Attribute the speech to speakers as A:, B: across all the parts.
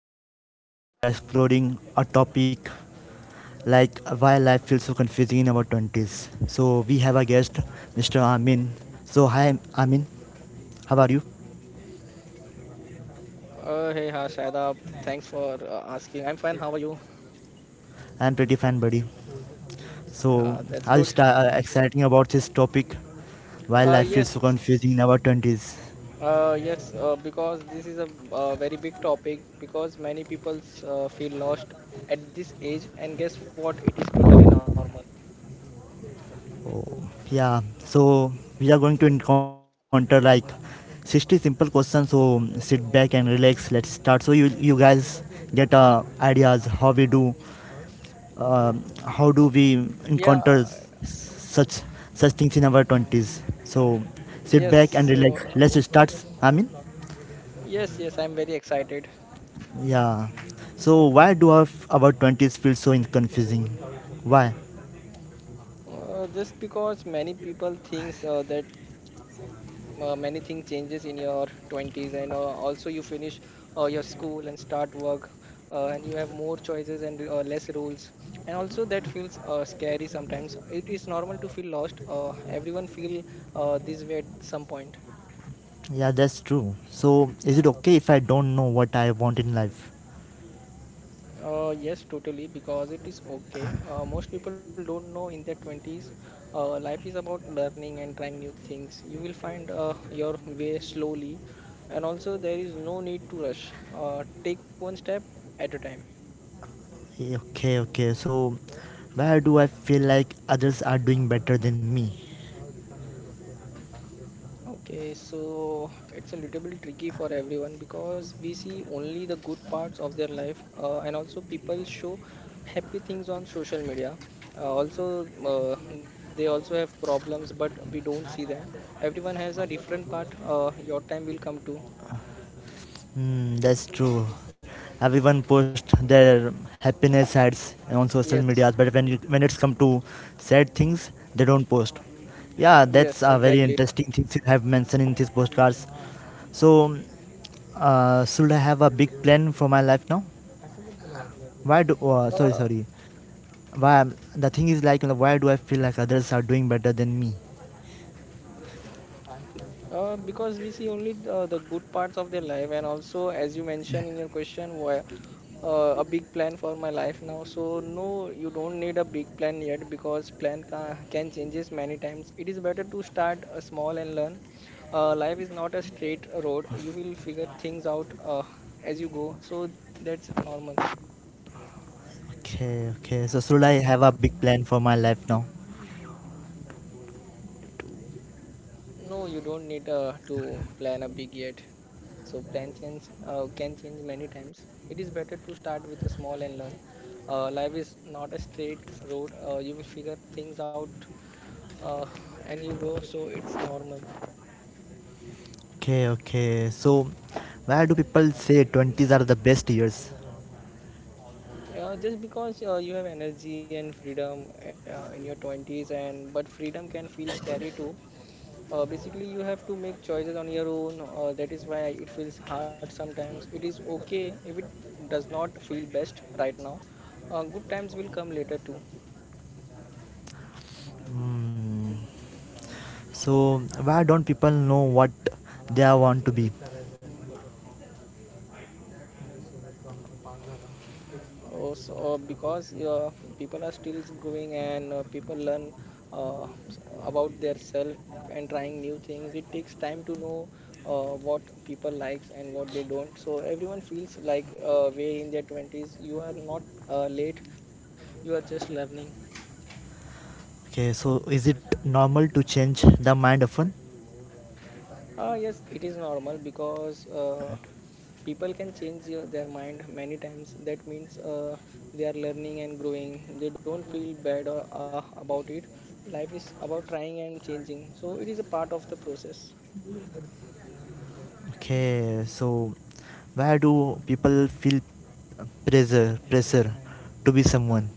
A: Sadab Sheikh, and today we are exploring a topic like why life feels so confusing in our twenties. So we have a guest, Mr. Amin. So hi Amin, how are you?
B: Shadab, thanks for asking. I'm fine. How are you?
A: I am pretty fine, buddy. So I'll
B: That's good.
A: start exciting about this topic, why life
B: Uh,
A: feels so
B: yes.
A: confusing in our twenties.
B: Yes, because this is a very big topic because many people feel lost at this age, and guess what? It is totally normal.
A: Oh, yeah, so we are going to encounter like 60 simple questions. So sit back and relax. Let's start. So you guys get ideas how we do, uh, how do we
B: Yeah,
A: encounter such things in our 20s. So
B: yes.
A: sit back and
B: So,
A: relax. Let's start. I mean,
B: yes, I'm very excited.
A: yeah. So why do our 20s feel so confusing? Why?
B: Just because many people thinks that many things changes in your 20s and also you finish your school and start work and you have more choices and less rules, and also that feels scary. Sometimes it is normal to feel lost. Everyone feel this way at some point.
A: Yeah, that's true. So is it okay if I don't know what I want in life?
B: Yes, totally, because it is okay. Most people don't know in their 20s. Life is about learning and trying new things. You will find your way slowly, and also there is no need to rush. Take one step at a time.
A: Okay, okay. So, where do I feel like others are doing better than me?
B: Okay, so it's a little bit tricky for everyone because we see only the good parts of their life, and also people show happy things on social media. They also have problems, but we don't see them. Everyone has a different part. Your time will come too.
A: Hmm, that's true. Everyone posts their happiness sides on social
B: Yes,
A: media, but when it's come to sad things, they don't post. Yeah, that's
B: yes,
A: a very
B: exactly.
A: interesting thing you have mentioned in these postcards. So, should I have a big plan for my life now? Why do? Sorry,
B: Uh,
A: sorry. Why the thing is like, why do I feel like others are doing better than me?
B: Because we see only the good parts of their life, and also, as you mentioned in your question, why a big plan for my life now. So no, you don't need a big plan yet, because plan can changes many times. It is better to start small and learn. Life is not a straight road. You will figure things out as you go. So that's normal.
A: Okay, okay. So Srula, I have a big plan for my life now.
B: No, you don't need to plan a big yet. So plan change can change many times. It is better to start with a small and learn. Life is not a straight road. You will figure things out uh, and you go. So it's normal.
A: Okay, okay. So why do people say 20s are the best years?
B: Just because you have energy and freedom in your 20s, and but freedom can feel scary too. Basically you have to make choices on your own. That is why it feels hard. Sometimes it is okay if it does not feel best right now. Good times will come later too.
A: Hmm. So why don't people know what they are want to be?
B: Because your people are still growing, and people learn about their self and trying new things. It takes time to know what people likes and what they don't. So everyone feels like way in their 20s. You are not late, you are just learning.
A: Okay, so is it normal to change the mind often?
B: Yes, it is normal because people can change their mind many times. That means they are learning and growing. They don't feel bad or about it. Life is about trying and changing. So it is a part of the process.
A: Okay, so why do people feel pressure to be someone?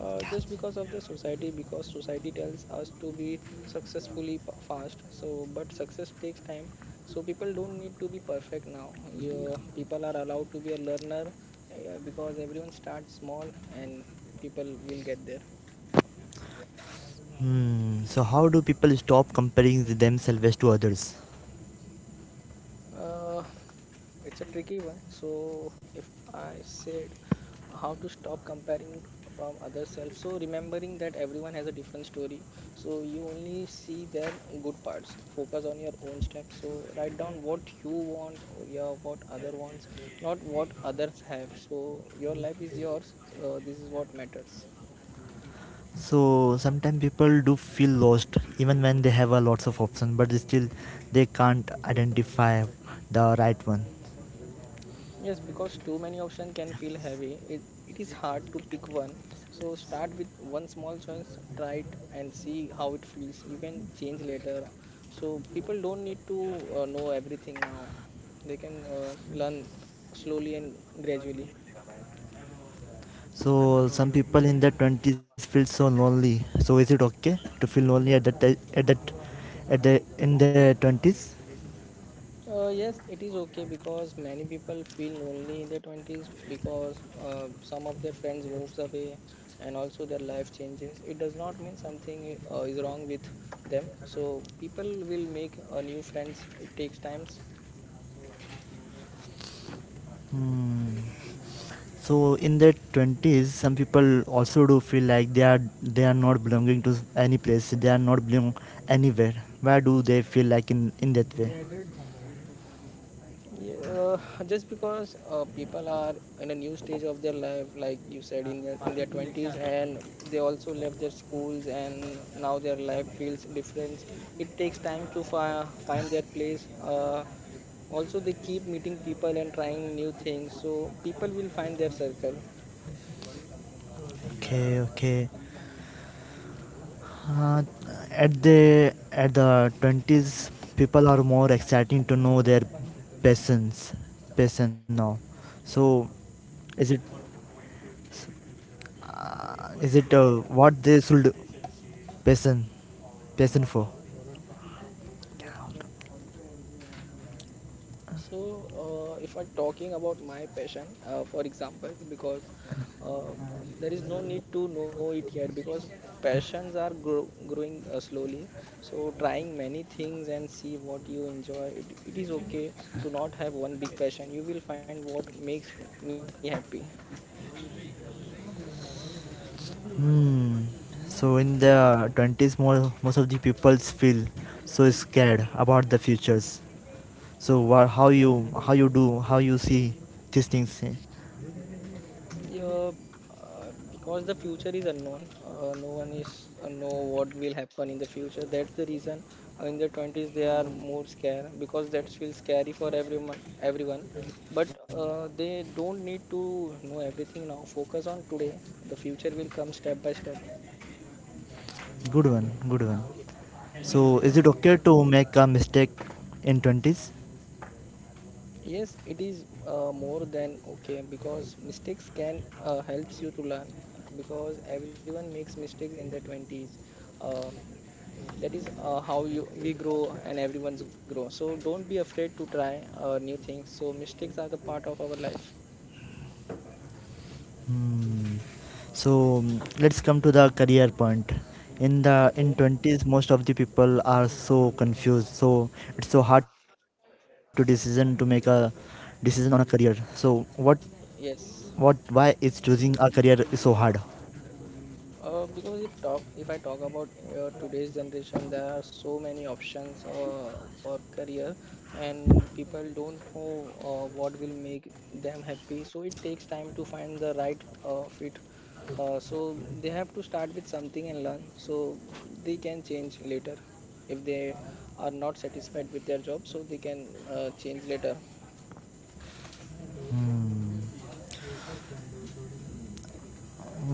B: Just because of the society, because society tells us to be successfully fast. So but success takes time, so people don't need to be perfect now. Your people are allowed to be a learner, because everyone starts small, and people will get there.
A: Hmm. So how do people stop comparing themselves to others?
B: uh, It's a tricky one. So, if I said how to stop comparing from other self, so remembering that everyone has a different story, so you only see their good parts. Focus on your own steps. So, write down what you want, or yeah, what other wants, not what others have. So, your life is yours. So this is what matters.
A: So sometimes people do feel lost even when they have a lots of options, but still they can't identify the right one.
B: Yes, because too many options can feel heavy. It is hard to pick one. So start with one small choice, try it and see how it feels. You can change later. So people don't need to know everything now. They can learn slowly and gradually.
A: So some people in their twenties feel so lonely. So is it okay to feel lonely at that at the in their twenties?
B: Yes, it is okay because many people feel lonely in their 20s because some of their friends moves away, and also their life changes. It does not mean something is wrong with them. So people will make new friends. It takes times.
A: Hmm. So in their twenties, some people also do feel like they are not belonging to any place. They are not belong anywhere. Why do they feel like in that way?
B: Yeah, just because people are in a new stage of their life, like you said, in their 20s, and they also left their schools, and now their life feels different. It takes time to find their place. Also, they keep meeting people and trying new things, so people will find their circle.
A: Okay, okay. Uh, at the twenties, people are more exciting to know their passions, passion now. So, is it is it what they should passion passion for?
B: So, if I'm talking about my passion, for example, because uh, there is no need to know it yet, because passions are growing slowly. So, trying many things and see what you enjoy. It is okay to not have one big passion. You will find what makes me happy.
A: Hmm. So in the 20s, more most of the peoples feel so scared about the futures. So what, how you see these things?
B: Yeah, because the future is unknown. No one is know what will happen in the future. That's the reason in the 20s they are more scared, because that feels scary for everyone. Everyone, but they don't need to know everything now. Focus on today. The future will come step by step.
A: Good one, good one. So, is it okay to make a mistake in 20s?
B: Yes, it is more than okay, because mistakes can helps you to learn, because everyone makes mistakes in their 20s. Um that is how you we grow, and everyone's grow. So don't be afraid to try new things. So mistakes are the part of our life.
A: Hmm. So, let's come to the career point. In the in
B: Okay.
A: 20s, most of the people are so confused. So, it's so hard to decision to make a decision on a career. So, what
B: Yes.
A: why is choosing a career is so hard?
B: Because if I talk about today's generation, there are so many options for career, and people don't know what will make them happy. So it takes time to find the right fit. So they have to start with something and learn. So they can change later if they are not satisfied with their job. So they can change later.
A: Hmm.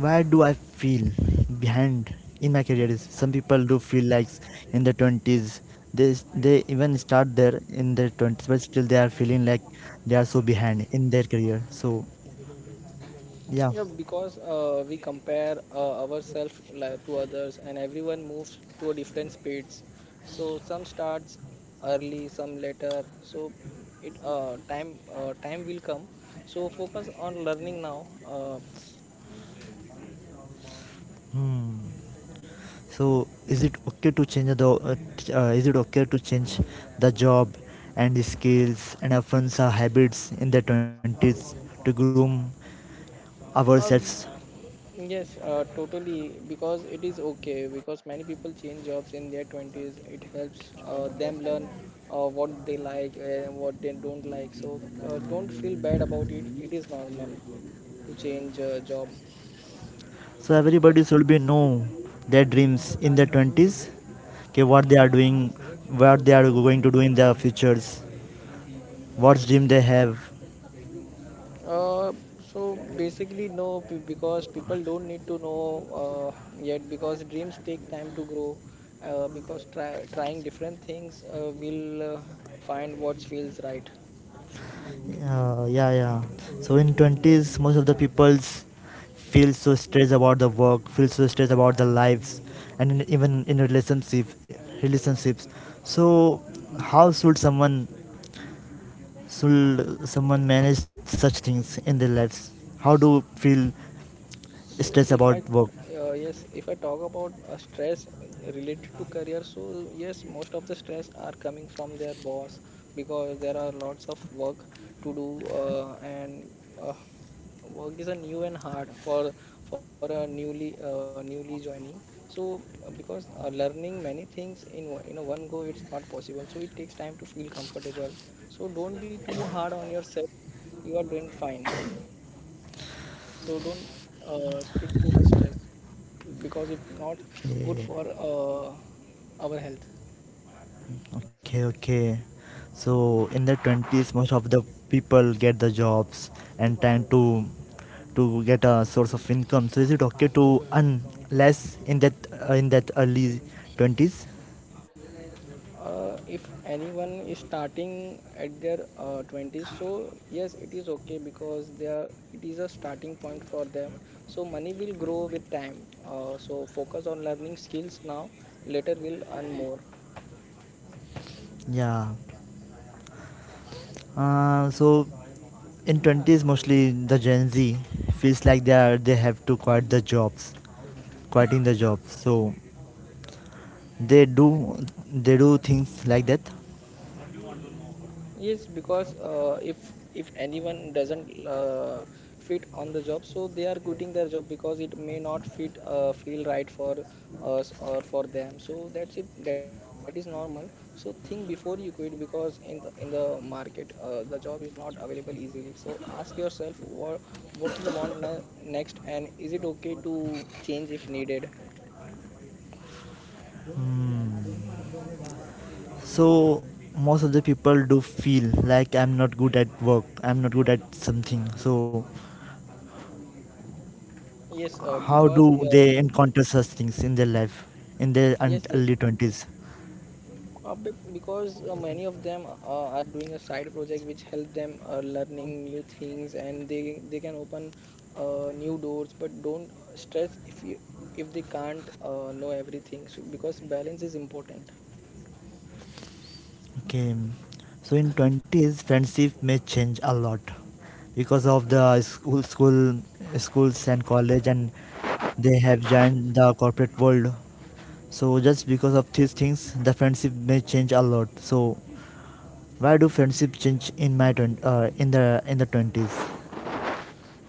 A: Where do I feel behind in my career is some people do feel like in the 20s they even start there in their 20s but still they are feeling like they are so behind in their career so yeah.
B: Yeah, because we compare ourselves, like, to others, and everyone moves to a different speeds. So some starts early, some later. So it time time will come. So focus on learning now.
A: Hmm. So is it okay to change the is it okay to change the job and the skills and often our habits in the 20s to groom ourselves.
B: Um, yes, totally. Because it is okay. Because many people change jobs in their twenties. It helps them learn what they like and what they don't like. So don't feel bad about it. It is normal to change job.
A: So everybody should be know their dreams in their twenties, okay, what they are doing, what they are going to do in their futures, what dream they have.
B: Uh, so basically no because people don't need to know uh, yet, because dreams take time to grow, because trying different things will find what feels right.
A: Yeah, yeah. So in twenties, most of the peoples feel so stressed about the work, feel so stressed about the lives, and even in relationships. So how should someone manage such things in their lives? How do feel
B: so
A: stress
B: if I
A: about work?
B: Yes, if I talk about stress related to career, so yes, most of the stress are coming from their boss, because there are lots of work to do, and uh, work is a new and hard for a newly joining. So because learning many things in in a one go, it's not possible. So it takes time to feel comfortable, so don't be too hard on yourself. You are doing fine, so don't take too much stress, because it's not good
A: Okay.
B: for our health.
A: Okay, okay. So in their twenties, most of the people get the jobs and trying to get a source of income. So is it okay to earn less in that early 20s?
B: If anyone is starting at their 20s, so yes, it is okay, because they are, it is a starting point for them. So money will grow with time, so focus on learning skills now, later will earn more.
A: Yeah. So in twenties, mostly the Gen Z feels like they have to quit the jobs, quitting the jobs. So they do they do things like that.
B: Yes, because if anyone doesn't fit on the job, so they are quitting their job, because it may not fit feel right for us or for them. So that's it. That is normal. So think before you quit, because in the market the job is not available easily. So ask yourself what you want next, and is it okay to change if needed?
A: Hmm. So most of the people do feel like I'm not good at work, I'm not good at something. So
B: Yes,
A: how
B: because
A: do
B: uh,
A: they encounter such things in their life in their
B: yes, yes.
A: early 20s?
B: Bec- because many of them are doing a side project which help them learning new things and they can open new doors. But don't stress if if they can't know everything so because balance is important.
A: Okay, so in 20s friendship may change a lot because of the
B: Yes,
A: school schools and college and they have joined the corporate world. So just because of these things the friendship may change a lot. So why do friendship change in my 20, uh, in the in the 20s?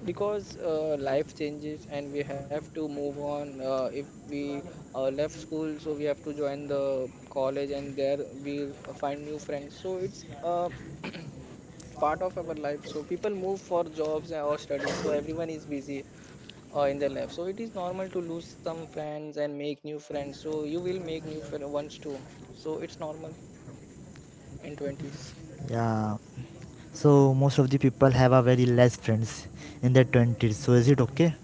B: because life changes and we have to move on if we left school, so we have to join the college and there we find new friends. So it's part of our life. So people move for jobs or studies, so everyone is busy in their life. So it is normal to lose some friends and make new friends, so you will make new friends once too. So it's normal in 20s.
A: Yeah. So most of the people have a very less friends in their twenties. So is it okay?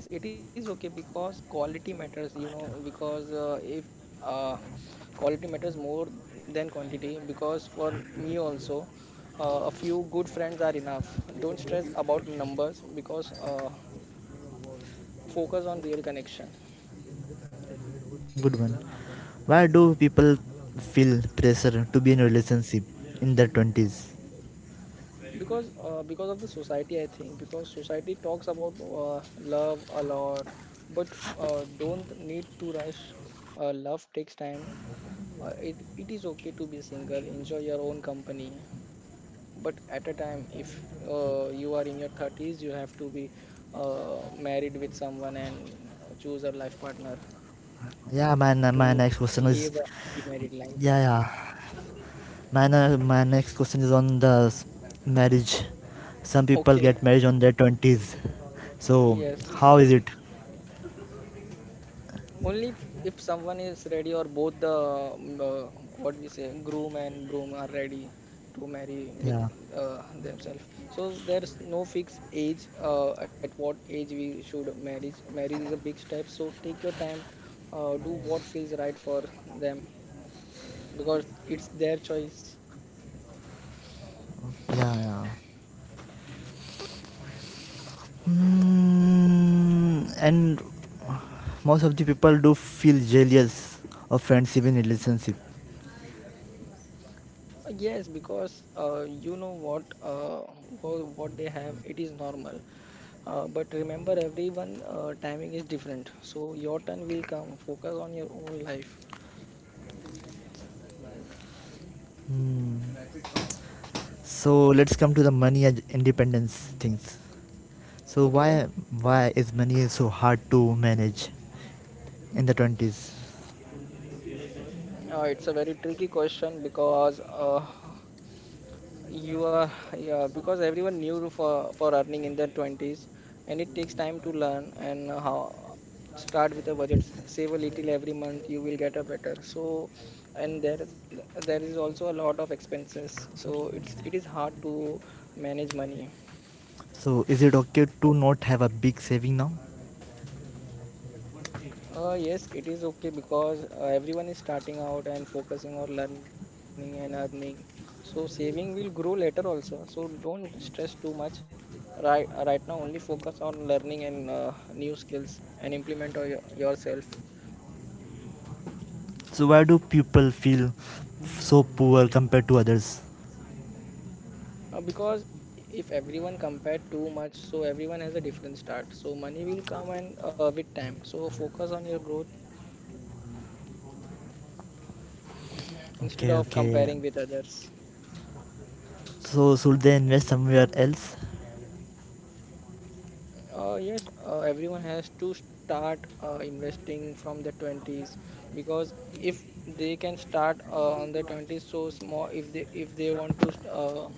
B: Yes, it is okay because quality matters, you know, because if uh, quality matters more than quantity. Because for me also, a few good friends are enough. Don't stress about numbers because focus on real connection.
A: Good one. Why do people feel pressure to be in a relationship in their twenties?
B: Because because of the society I think, because society talks about love a lot, but don't need to rush. Uh, love takes time. It is okay to be single, enjoy your own company. But at a time, if you are in your 30s, you have to be married with someone and choose a life partner
A: Yeah, man. My
B: to
A: next question
B: live
A: is
B: a happy married life.
A: yeah, yeah. My next question is on marriage. Some people
B: Okay.
A: get married on their twenties. So
B: Yes.
A: how is it?
B: Only if someone is ready, or both the what we say groom and broom are ready to marry with
A: Yeah,
B: themselves. So there's no fixed age at what age we should marriage. Marriage is a big step, so take your time, do what feels right for them because it's their choice.
A: yeah, yeah. Mm, and most of the people do feel jealous of friendship in relationship.
B: Yes, because what they have, it is normal. But remember, everyone timing is different. So your turn will come. Focus on your own life.
A: Hmm. So let's come to the money and independence things. So
B: Okay.
A: why is money so hard to manage in the 20s?
B: It's a very tricky question because you are yeah, because everyone new for earning in their twenties, and it takes time to learn. And how, start with a budget. Save a little every month. You will get a better. So and there is also a lot of expenses. So it is hard to manage money.
A: So is it okay to not have a big saving now?
B: Yes, it is okay because everyone is starting out and focusing on learning and earning. So saving will grow later also. So don't stress too much. Right, right now only focus on learning and new skills and implement or yourself.
A: So why do people feel so poor compared to others?
B: Because if everyone compare too much, so everyone has a different start. So money will come and with time. So focus on your growth instead
A: Okay,
B: of
A: okay,
B: comparing with others.
A: so should they invest somewhere else?
B: Yes, everyone has to start investing from their 20s, because if they can start on their 20s, so small. If they want to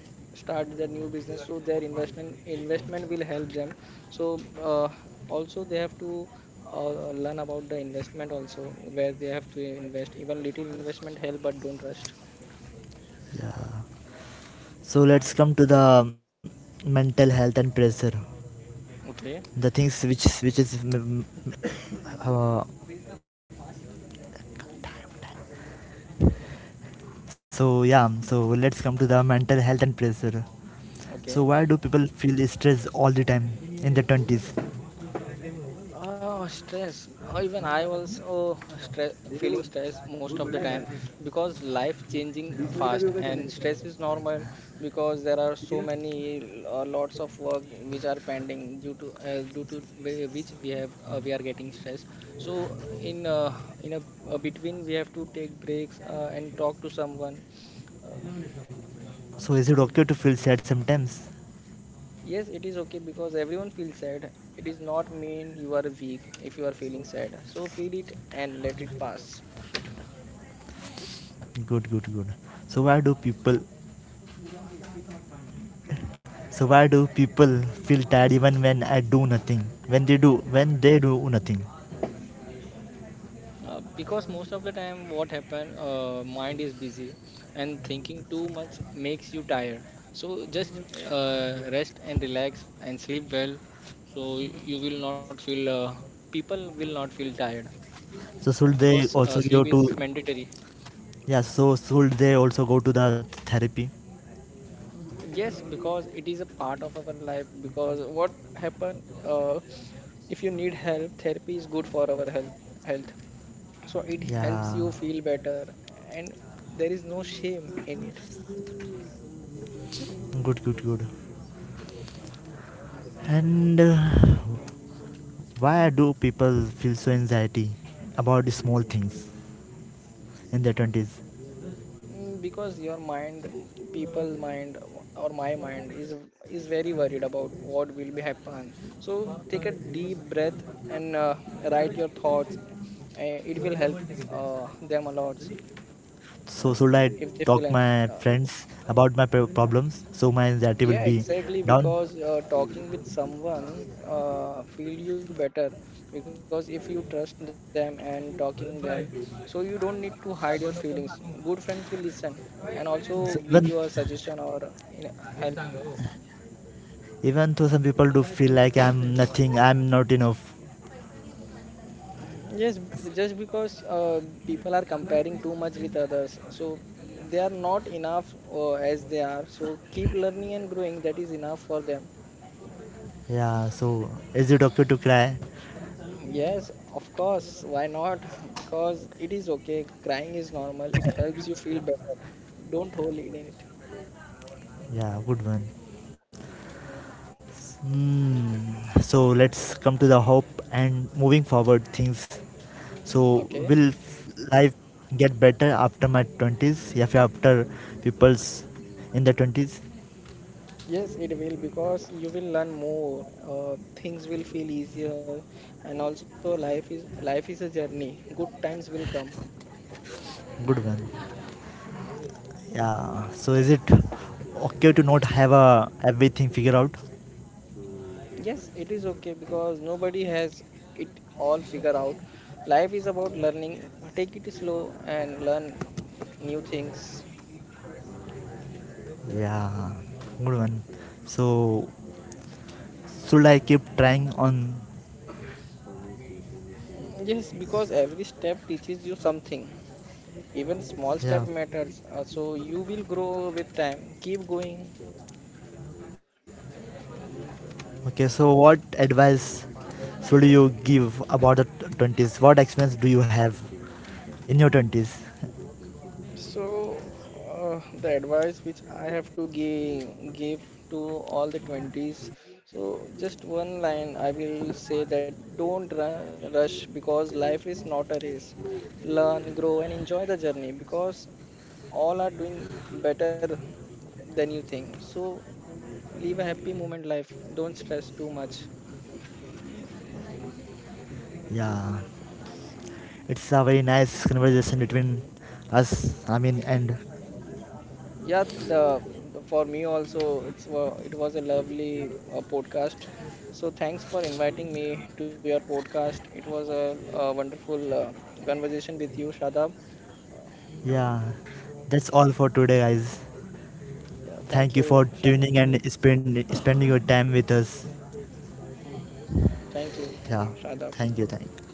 B: start their new business, so their investment will help them. So also they have to learn about the investment also where they have to invest. Even little investment help, but don't trust.
A: Yeah, so let's come to the mental health and pressure
B: Okay,
A: the things which is mm, uh, so yeah so let's come to the mental health and pressure. So
B: okay.
A: why do people feel stressed all the time in their 20s?
B: Oh, stress. Even I also stress, feeling stress most of the time because life changing fast and stress is normal, because there are so many lots of work which are pending due to which we have we are getting stressed. So in a between we have to take breaks and talk to someone. Uh,
A: So is it okay to feel sad sometimes?
B: yes, it is okay because everyone feels sad. It is not mean you are weak if you are feeling sad. So feel it and let it pass.
A: Good, good, good. So why do people so why do people feel tired even when I do nothing, when they do nothing?
B: Because most of the time what happen, mind is busy and thinking too much makes you tired. So just rest and relax and sleep well, so you will not feel people will not feel tired
A: So should
B: because
A: they also
B: sleep
A: go
B: is
A: to
B: mandatory.
A: Yeah, so should they also go to the therapy?
B: Yes, because it is a part of our life. Because what happen, if you need help, therapy is good for our health. So it helps
A: Yeah.
B: you feel better, and there is no shame in it.
A: Good, good, good. And why do people feel so anxiety about small things in their 20s?
B: Mm, because your mind mm, people mind mm, or my mind is very worried about what will be happen. So take a deep breath and write your thoughts, it will help them a lot
A: So should I
B: if they feel
A: talk my friends about my problems so my anxiety will
B: yeah,
A: be
B: exactly,
A: down?
B: because talking with someone feel you better. Because if you trust them and talking them, so you don't need to hide your feelings. Good friends will listen and also give
A: So
B: you a suggestion or in help.
A: even though some people do feel like I'm nothing, I'm not enough.
B: Yes, just because people are comparing too much with others, so they are not enough as they are. So keep learning and growing, that is enough for them.
A: Yeah. So is it okay to cry?
B: Yes, of course, why not? Because it is okay, crying is normal, it helps you feel better. Don't hold it in it.
A: Yeah, good one. Hmm. So let's come to the hope and moving forward things. So
B: Okay.
A: will life get better after my twenties? Yeah, if after people's in the 20s,
B: Yes, it will, because you will learn more. Things will feel easier, and also life is a journey. Good times will come.
A: good one. Yeah. So is it okay to not have a everything figured out?
B: Yes, it is okay because nobody has it all figured out. Life is about learning. Take it slow and learn new things.
A: Yeah, good one. So should I keep trying on?
B: Yes, because every step teaches you something. Even small step
A: Yeah.
B: matters. So you will grow with time. Keep going.
A: Okay, so what advice should you give about the 20s? What experience do you have in your twenties?
B: So, the advice which I have to give to all the 20s, so just one line I will say that don't rush, because life is not a race. Learn, grow, and enjoy the journey, because all are doing better than you think. So, live a happy moment life, don't stress too much.
A: Yeah, it's a very nice conversation between us. I mean, and
B: Yeah, the for me also it was a lovely podcast. So thanks for inviting me to your podcast. It was a wonderful conversation with you, Shadab.
A: yeah, that's all for today, guys.
B: Yeah,
A: Thank
B: thank
A: you
B: you,
A: for
B: Shadab.
A: tuning and spending your time with us.
B: Thank you,
A: Yeah,
B: Shadab.
A: thank you, thank you.